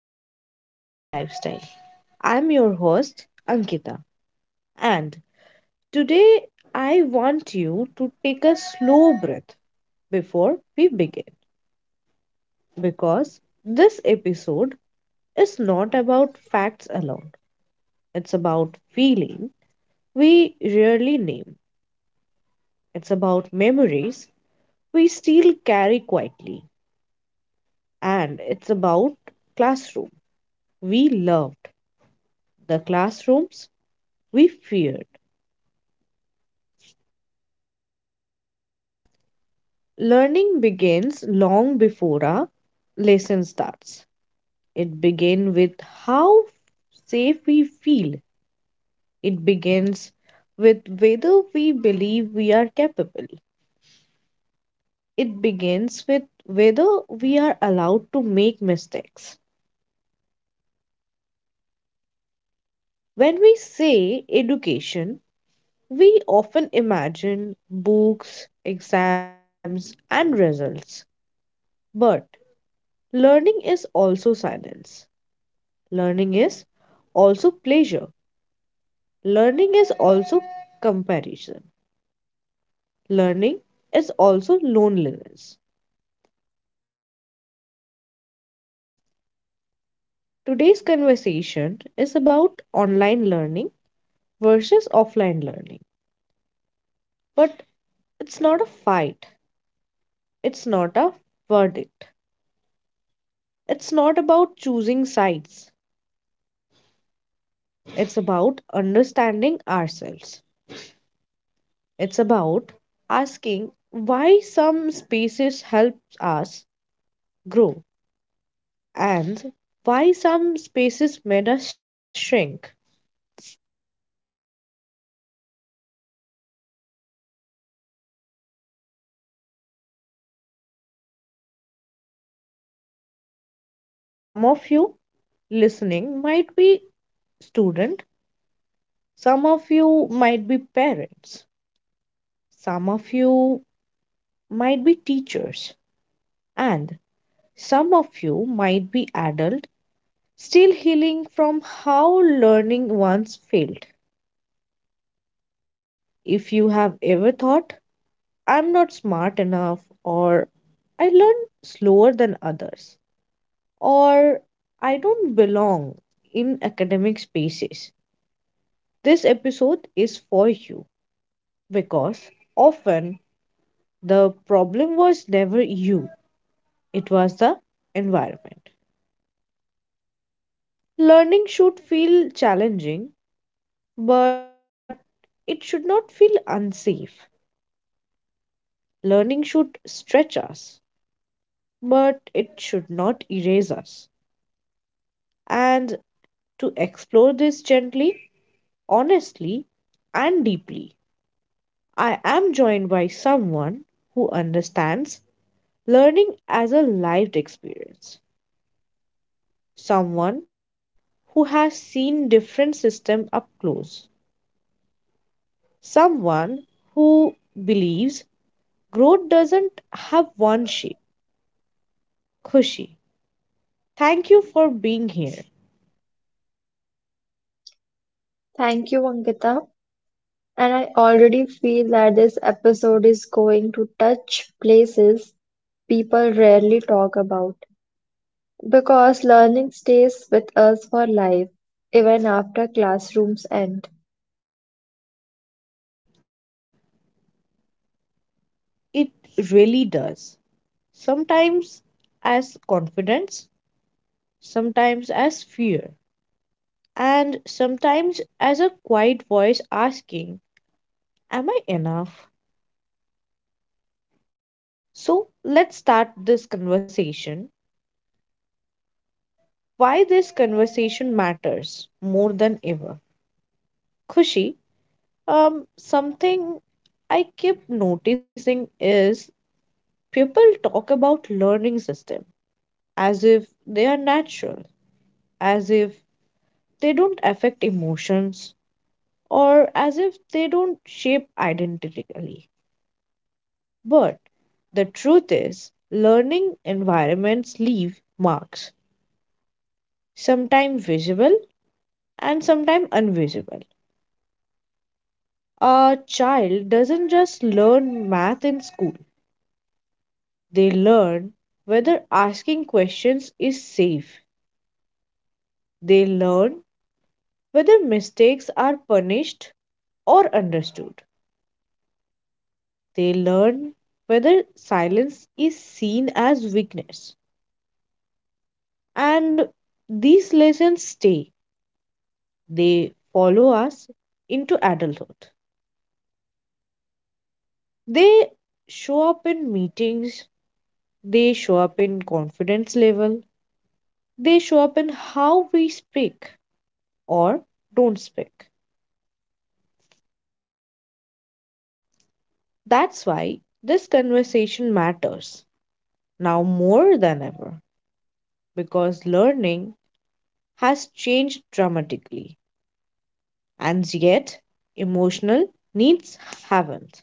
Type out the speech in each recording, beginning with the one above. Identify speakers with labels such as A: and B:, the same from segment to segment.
A: welcome back to Healthy Lifestyle. I'm your host, Ankita, and today I want you to take a slow breath before we begin because this episode is not about facts alone, it's about feeling we rarely name, it's about memories we still carry quietly, and it's about classroom we loved, the classrooms we feared. Learning begins long before a lesson starts. It begins with how safe we feel. It begins with whether we believe we are capable. It begins with whether we are allowed to make mistakes. When we say education, we often imagine books, exams, and results. But learning is also silence. Learning is also pleasure. Learning is also comparison. Learning is also loneliness. Today's conversation is about online learning versus offline learning. But it's not a fight, it's not a verdict. It's not about choosing sides, it's about understanding ourselves. It's about asking why some spaces help us grow and why some spaces made us shrink. Some of you listening might be student, some of you might be parents, some of you might be teachers, and some of you might be adult still healing from how learning once failed. If you have ever thought, I'm not smart enough, or I learn slower than others, or I don't belong in academic spaces, this episode is for you because often the problem was never you, it was the environment. Learning should feel challenging, but it should not feel unsafe. Learning should stretch us, but it should not erase us. And to explore this gently, honestly, and deeply, I am joined by someone who understands learning as a lived experience, someone who has seen different systems up close, someone who believes growth doesn't have one shape. Khushi, thank you for being here.
B: Thank you, Ankita. And I already feel that this episode is going to touch places people rarely talk about. Because learning stays with us for life, even after classrooms end.
A: It really does. Sometimes as confidence, sometimes as fear, and sometimes as a quiet voice asking, am I enough? So let's start this conversation. Why this conversation matters more than ever. Khushi, something I keep noticing is people talk about learning system as if they are natural, as if they don't affect emotions, or as if they don't shape identically. But the truth is, learning environments leave marks, sometimes visible and sometimes invisible. A child doesn't just learn math in school. They learn whether asking questions is safe. They learn whether mistakes are punished or understood. They learn whether silence is seen as weakness. And these lessons stay. They follow us into adulthood. They show up in meetings, they show up in confidence level, they show up in how we speak or don't speak. That's why this conversation matters now more than ever because learning has changed dramatically and yet emotional needs haven't.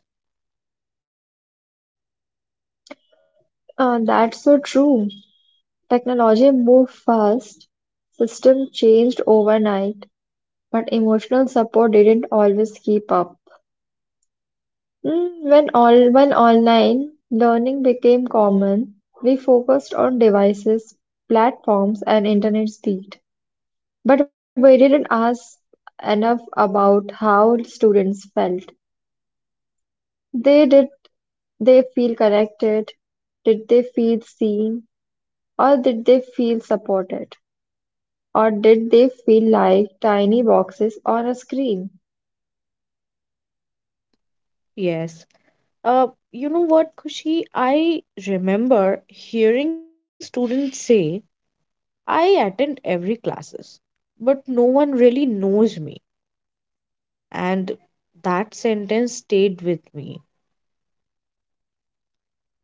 B: That's so true. Technology moved fast, system changed overnight, but emotional support didn't always keep up. When online learning became common, we focused on devices, platforms, and internet speed. But we didn't ask enough about how students felt. They did they feel connected? Did they feel seen? Or did they feel supported? Or did they feel like tiny boxes on a screen?
A: Yes. You know what, Kushi? I remember hearing students say, I attend every classes, but no one really knows me. And that sentence stayed with me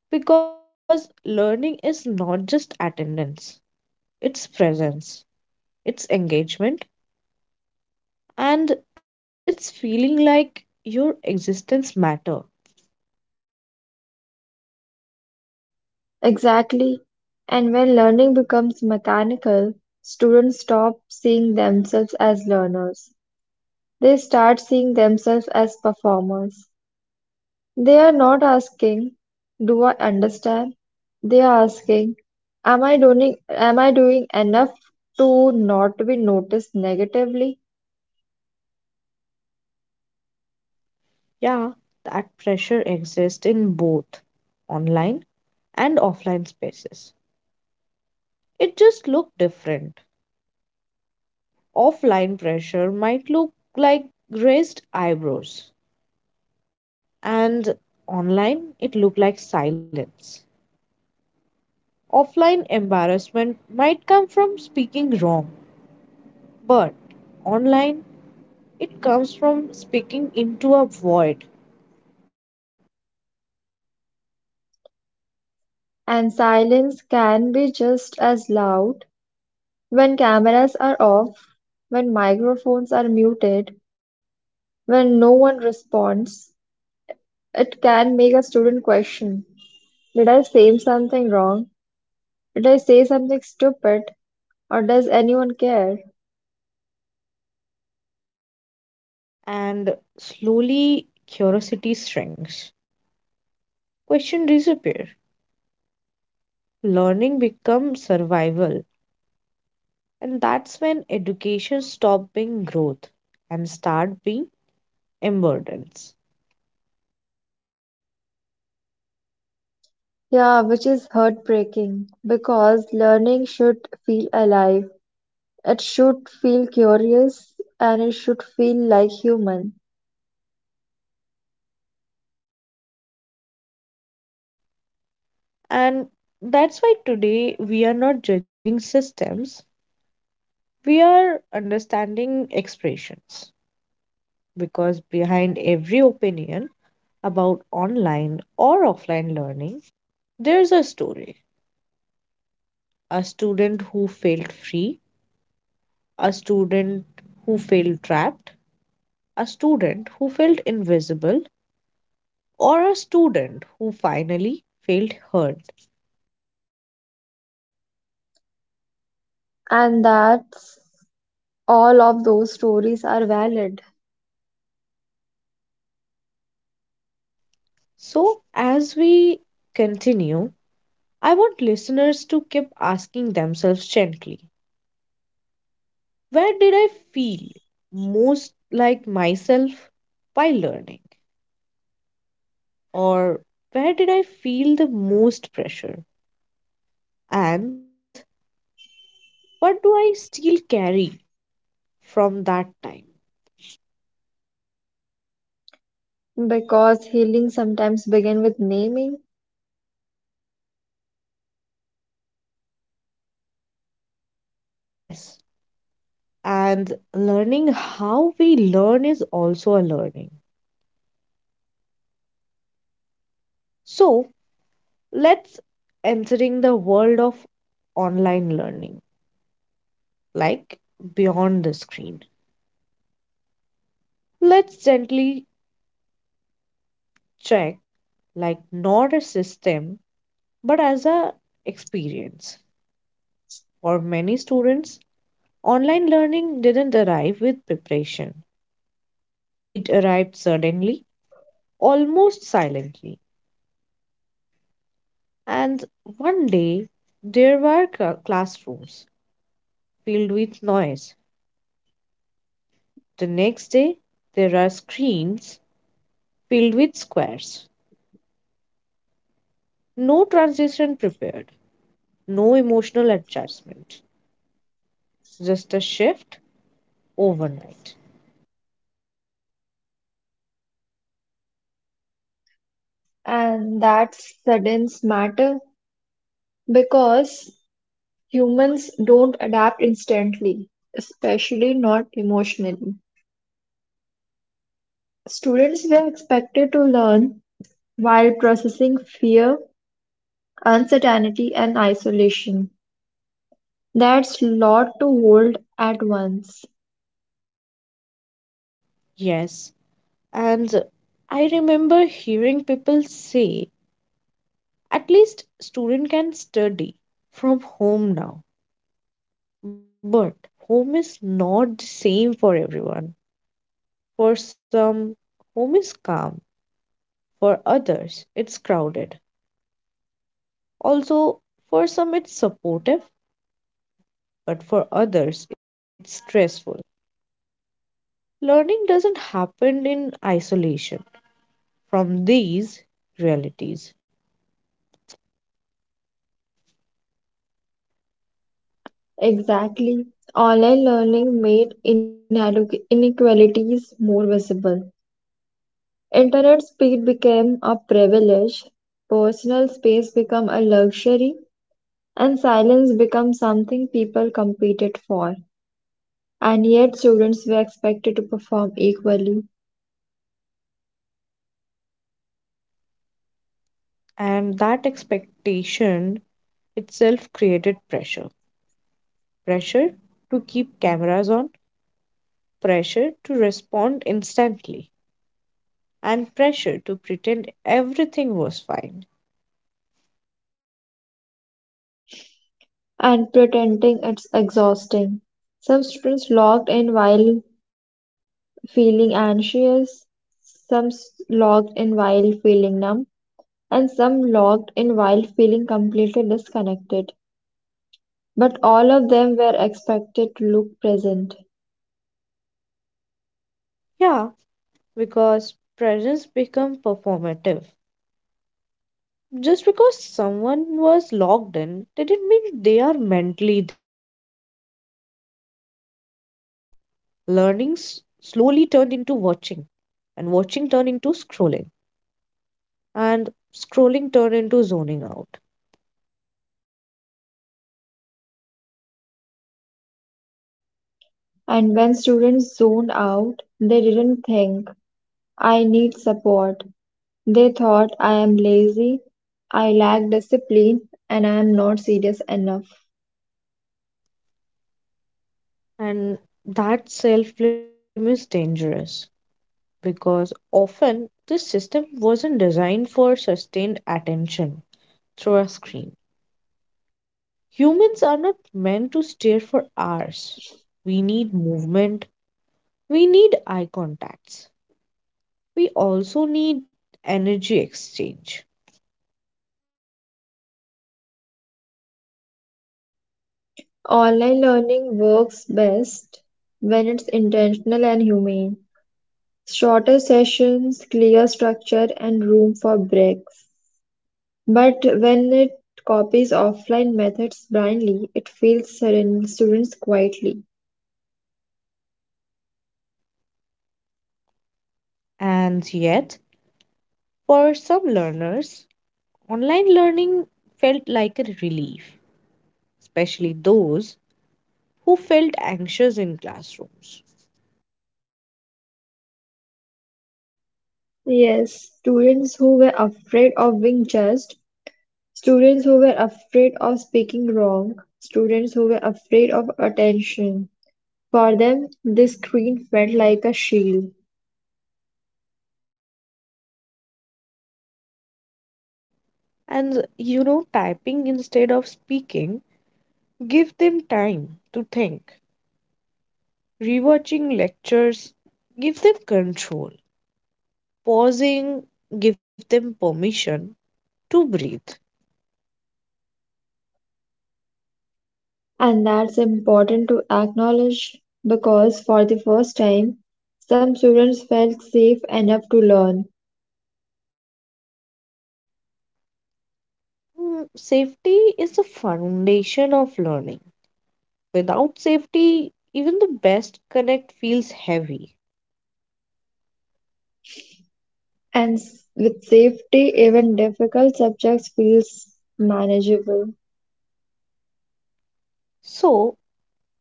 A: because learning is not just attendance, its presence, its engagement, and its feeling like your existence matter.
B: Exactly, and when learning becomes mechanical, students stop seeing themselves as learners. They start seeing themselves as performers. They are not asking, do I understand? They are asking, am I doing enough to not be noticed negatively?
A: Yeah, that pressure exists in both online and offline spaces. It just look different. Offline pressure might look like raised eyebrows, and online it look like silence. Offline embarrassment might come from speaking wrong, but online it comes from speaking into a void,
B: And silence can be just as loud when cameras are off, when microphones are muted, when no one responds. It can make a student question, did I say something wrong? Did I say something stupid? Or does anyone care?
A: and slowly curiosity shrinks. Question disappear. Learning becomes survival, and that's when education stops being growth and start being emergence.
B: Yeah, which is heartbreaking because learning should feel alive. It should feel curious and it should feel like human.
A: And that's why today we are not judging systems; we are understanding expressions. Because behind every opinion about online or offline learning, there's a story, a student who felt free, a student who felt trapped, a student who felt invisible, or a student who finally felt heard.
B: And that's all of those stories are valid
A: So, as we continue, I want listeners to keep asking themselves gently, where did I feel most like myself while learning? Or where did I feel the most pressure? And what do I still carry from that time?
B: because healing sometimes begin with naming
A: Yes, and learning how we learn is also a learning. So let's entering the world of online learning, like beyond the screen. Let's gently check, like not a system, but as a experience. For many students, online learning didn't arrive with preparation. It arrived suddenly, almost silently. And one day there were classrooms filled with noise. The next day there are screens filled with squares. No transition prepared, no emotional adjustment, just a shift overnight.
B: and that sudden matter because humans don't adapt instantly, especially not emotionally. Students were expected to learn while processing fear, uncertainty, and isolation. That's lot to hold at once.
A: Yes, and I remember hearing people say at least student can study from home now. But home is not the same for everyone. For some, home is calm. For others, it's crowded. Also, for some, it's supportive, but for others, it's stressful. Learning doesn't happen in isolation from these realities,
B: Exactly. Online learning made inequalities more visible. Internet speed became a privilege, personal space became a luxury, and silence became something people competed for. And yet students were expected to perform equally,
A: and that expectation itself created pressure. Pressure to keep cameras on, pressure to respond instantly, and pressure to pretend everything was fine.
B: and pretending it's exhausting. Some students logged in while feeling anxious, some logged in while feeling numb, and some logged in while feeling completely disconnected. But all of them were expected to look present.
A: Yeah, because presence become performative. Just because someone was logged in didn't mean they are mentally there. Learning slowly turned into watching, and watching turned into scrolling, and scrolling turned into zoning out.
B: And when students zoned out, they didn't think, I need support. They thought I am lazy, I lack discipline, and I am not serious enough.
A: And that self blame is dangerous because often this system wasn't designed for sustained attention through a screen. Humans are not meant to stare for hours. We need movement, we need eye contacts, we also need energy exchange.
B: Online learning works best when it's intentional and humane. Shorter sessions, clear structure, and room for breaks. But when it copies offline methods blindly, it fails certain students quietly.
A: And yet, for some learners, online learning felt like a relief, especially those who felt anxious in classrooms.
B: Yes, students who were afraid of being judged. Students who were afraid of speaking wrong, students who were afraid of attention. For them, this screen felt like a shield.
A: And you know, typing instead of speaking give them time to think. Rewatching lectures give them control. Pausing give them permission to breathe.
B: And that's important to acknowledge because for the first time, some students felt safe enough to learn.
A: Safety is the foundation of learning. Without safety, even the best connect feels heavy.
B: And with safety, even difficult subjects feels manageable.
A: So,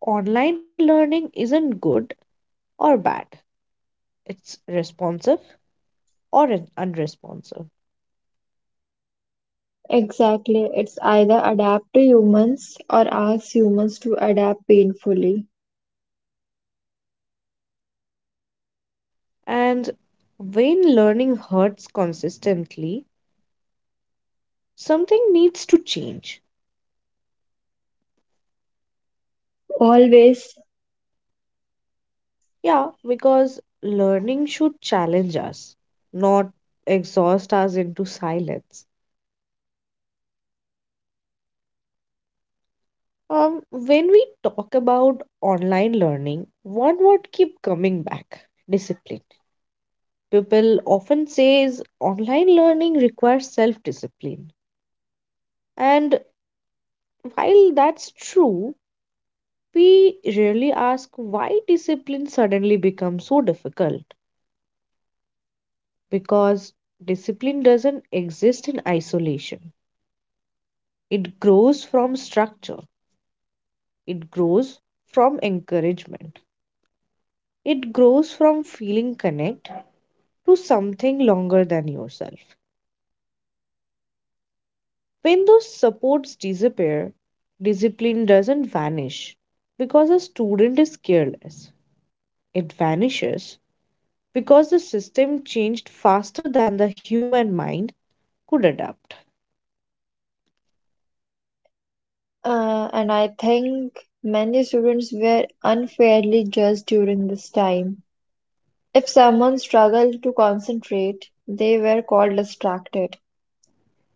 A: online learning isn't good or bad, it's responsive or unresponsive.
B: Exactly, it's either adapt to humans or ask humans to adapt painfully.
A: And when learning hurts consistently, something needs to change.
B: Always.
A: Yeah, because learning should challenge us, not exhaust us into silence. When we talk about online learning, one word keep coming back: discipline. People often says online learning requires self-discipline. And while that's true, we rarely ask why discipline suddenly becomes so difficult because discipline doesn't exist in isolation. It grows from structure. It grows from encouragement. It grows from feeling connect to something longer than yourself. When those supports disappear, discipline doesn't vanish because a student is careless. It vanishes because the system changed faster than the human mind could adapt.
B: And I think many students were unfairly judged during this time. If someone struggled to concentrate, they were called distracted.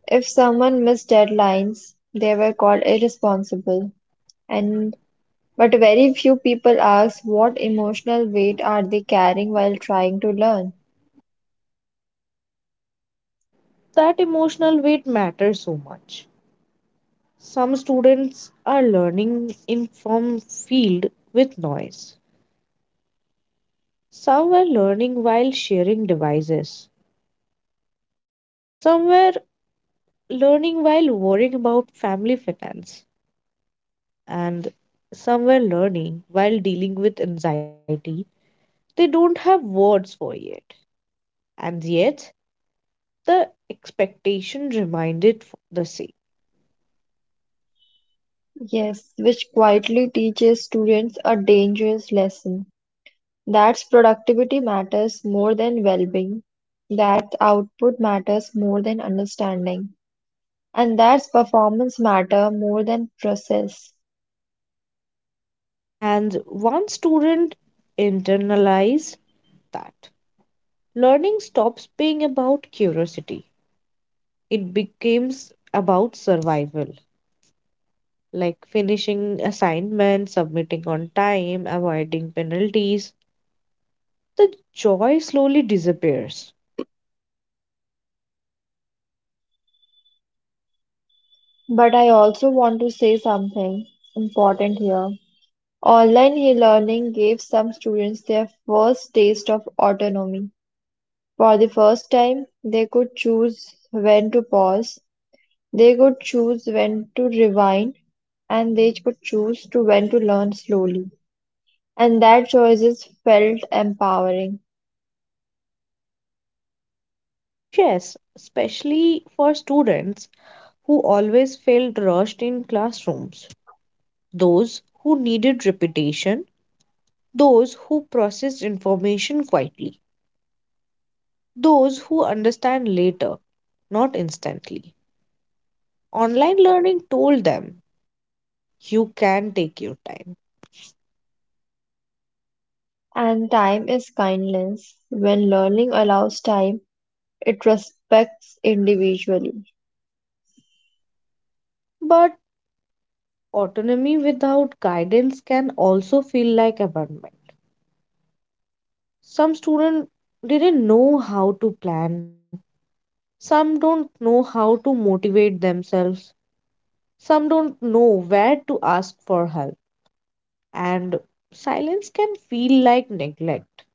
B: If someone missed deadlines, they were called irresponsible. And but very few people ask what emotional weight are they carrying while trying to learn.
A: That emotional weight matters so much. Some students are learning in from field with noise. Some were learning while sharing devices. Some were learning while worrying about family finance, and some were learning while dealing with anxiety. They don't have words for it, and yet the expectation reminded the same.
B: Yes, which quietly teaches students a dangerous lesson. That's productivity matters more than well-being, that output matters more than understanding, and that's performance matter more than process.
A: And one student internalized that learning stops being about curiosity, it becomes about survival. Like finishing assignments, submitting on time, avoiding penalties, the joy slowly disappears.
B: But I also want to say something important here. Online e-learning gave some students their first taste of autonomy. For the first time, they could choose when to pause, they could choose when to rewind, and they could choose to when to learn slowly. And that choice is felt empowering.
A: Yes, especially for students who always felt rushed in classrooms, those who needed repetition, those who processed information quietly, those who understand later, not instantly. Online learning told them, you can take your time.
B: And time is kindness. When learning allows time, it respects individually,
A: But autonomy without guidance can also feel like abandonment. Some students didn't know how to plan, some don't know how to motivate themselves. Some don't know where to ask for help, and silence can feel like neglect.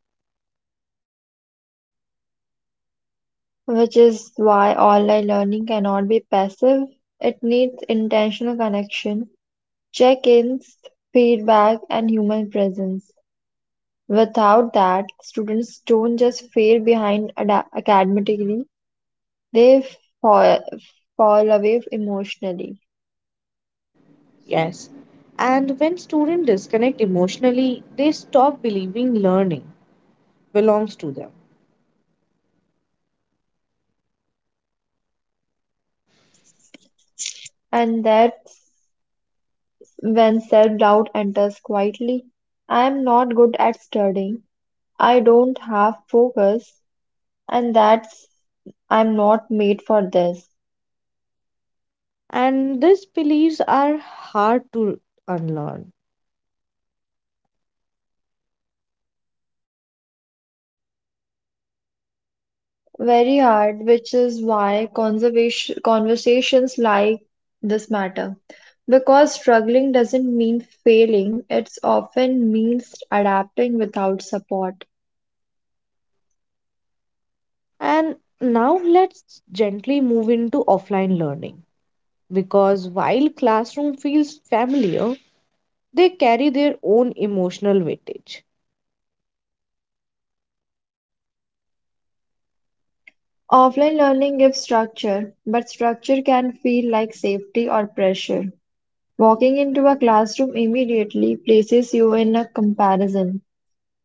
B: which is why online learning cannot be passive. It needs intentional connection, check ins, feedback, and human presence. Without that, students don't just fade behind academically, they fall, fall away emotionally.
A: Yes. And when students disconnect emotionally, they stop believing learning belongs to them.
B: And that's when self-doubt enters quietly. I am not good at studying. I don't have focus, and that's I'm not made for this.
A: And these beliefs are hard to unlearn.
B: Very hard, which is why conservation conversations like this matter. Because struggling doesn't mean failing, it often means adapting without support.
A: And now let's gently move into offline learning because while classroom feels familiar, they carry their own emotional weightage.
B: Offline learning gives structure, but structure can feel like safety or pressure. Walking into a classroom immediately places you in a comparison.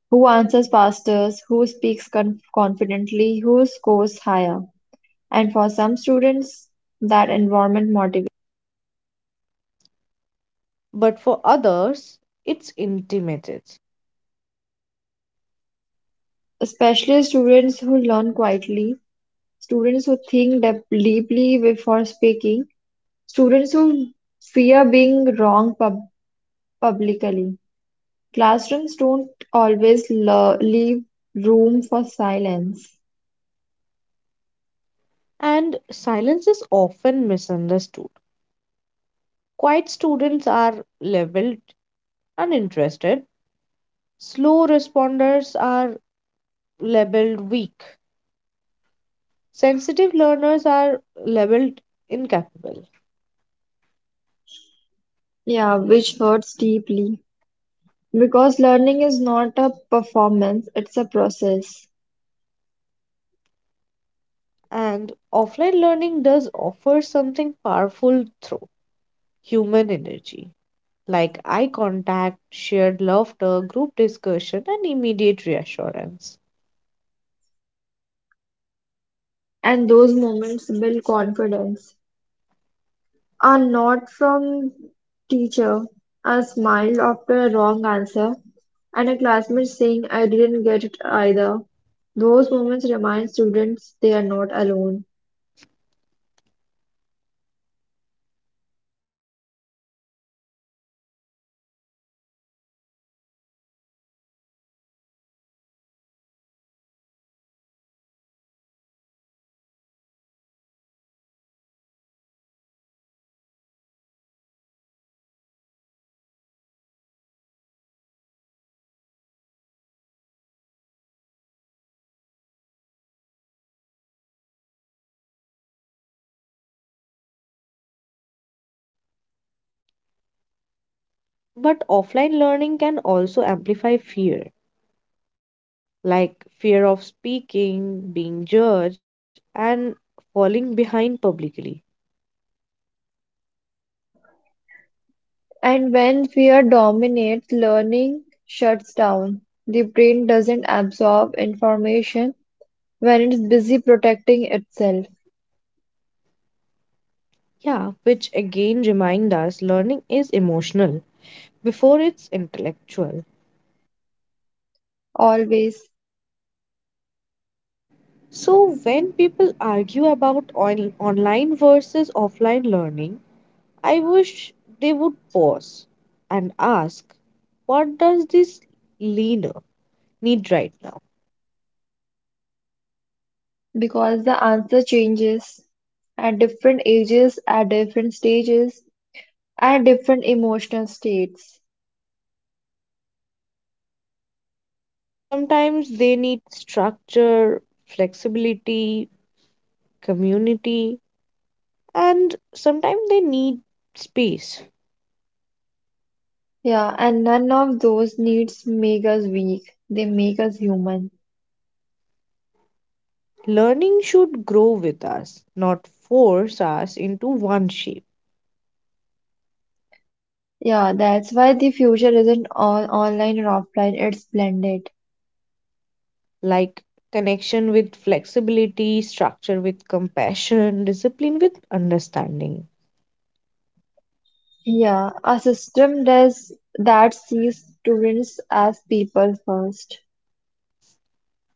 B: Who answers fastest, who speaks confidently, who scores higher. And for some students, that environment motivates,
A: But for others, it's intimate.
B: especially students who learn quietly, students who think deeply before speaking, students who fear being wrong publicly. Classrooms don't always leave room for silence.
A: And silence is often misunderstood. Quiet students are labeled uninterested, slow responders are labeled weak, sensitive learners are labeled incapable.
B: Yeah, which hurts deeply. Because learning is not a performance, it's a process.
A: And offline learning does offer something powerful through human energy, like eye contact, shared laughter, group discussion, and immediate reassurance.
B: And those moments build confidence. Are not from teacher, a smile after a wrong answer, and a classmate saying I didn't get it either. Those moments remind students they are not alone.
A: But offline learning can also amplify fear, like fear of speaking, being judged, and falling behind publicly.
B: And when fear dominates, learning shuts down. The brain doesn't absorb information when it's busy protecting itself.
A: Yeah, which again remind us learning is emotional before it's intellectual.
B: Always.
A: So when people argue about online versus offline learning, I wish they would pause and ask, what does this leaner need right now?
B: Because the answer changes at different ages, at different stages, at different emotional states.
A: Sometimes they need structure, flexibility, community, and sometimes they need space.
B: Yeah, and none of those needs make us weak, they make us human.
A: Learning should grow with us, not force us into one shape,
B: Yeah, that's why the future isn't all online or offline, it's blended.
A: like connection with flexibility, structure with compassion, discipline with understanding.
B: Yeah, a system does that sees students as people first.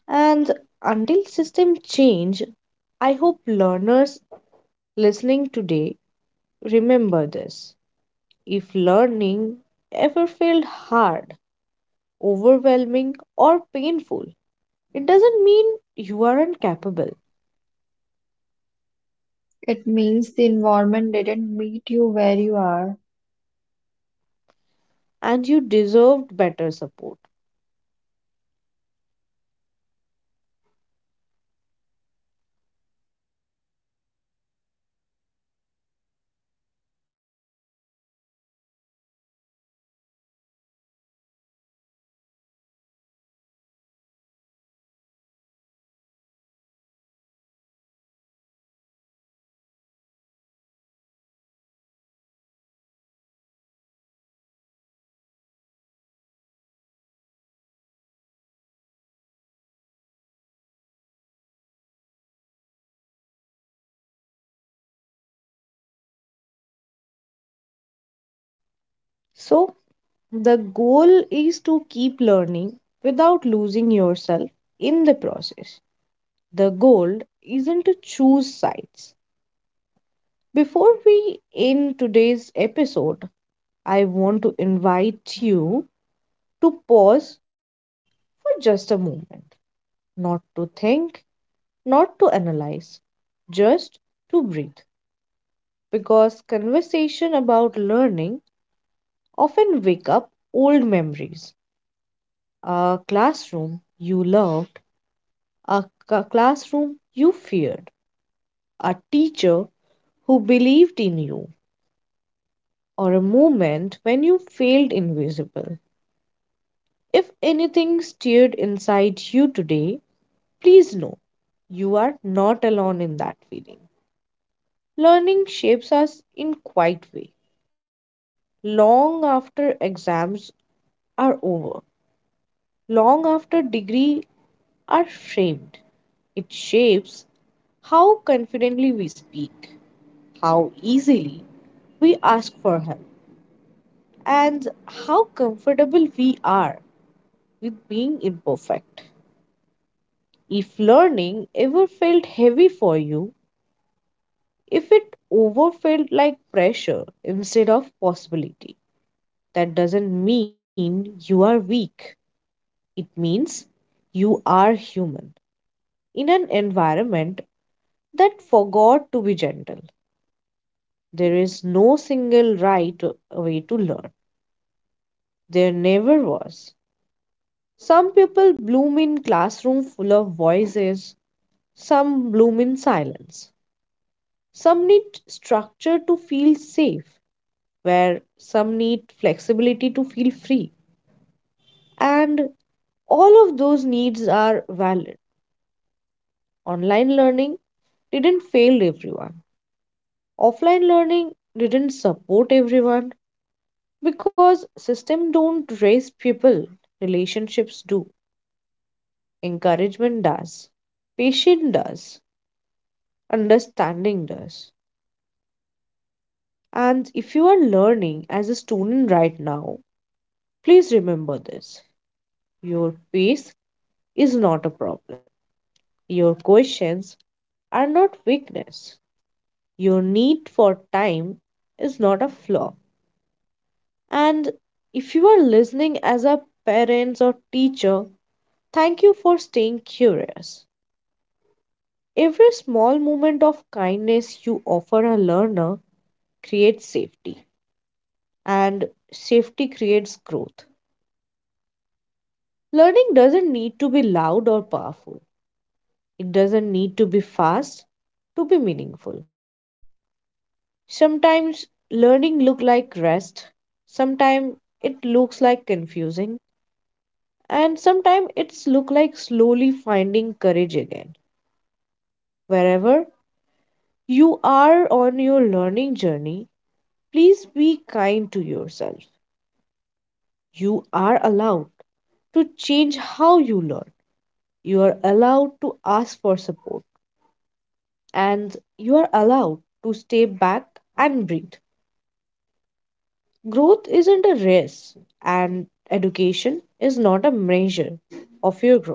A: And until system change, I hope learners listening today remember this. If learning ever felt hard, overwhelming, or painful, it doesn't mean you aren't capable.
B: It means the environment didn't meet you where you are.
A: And you deserved better support. So, the goal is to keep learning without losing yourself in the process. The goal isn't to choose sides. Before we end today's episode, I want to invite you to pause for just a moment, not to think, not to analyze, just to breathe. Because conversation about learning often wake up old memories, a classroom you loved, a classroom you feared, a teacher who believed in you, or a moment when you failed invisible. If anything stirred inside you today, please know you are not alone in that feeling. Learning shapes us in quiet way, long after exams are over, long after degree are framed. It shapes how confidently we speak, how easily we ask for help, and how comfortable we are with being imperfect. If learning ever felt heavy for you, if it over felt like pressure instead of possibility, that doesn't mean you are weak. It means you are human in an environment that forgot to be gentle. There is no single right way to learn. There never was. Some people bloom in classroom full of voices, some bloom in silence. Some need structure to feel safe, where some need flexibility to feel free. And all of those needs are valid. Online learning didn't fail everyone. Offline learning didn't support everyone. Because system don't raise people, relationships do, encouragement does, patience does, understanding does. And if you are learning as a student right now, please remember this. Your pace is not a problem, your questions are not weakness, your need for time is not a flaw. And if you are listening as a parent or teacher, thank you for staying curious. Every small moment of kindness you offer a learner creates safety, and safety creates growth. Learning doesn't need to be loud or powerful, it doesn't need to be fast to be meaningful. Sometimes learning look like rest, sometimes it looks like confusing, and sometimes it's look like slowly finding courage again. Wherever you are on your learning journey, please be kind to yourself. You are allowed to change how you learn. You are allowed to ask for support, and you are allowed to stay back and breathe. Growth isn't a race, and education is not a measure of your growth.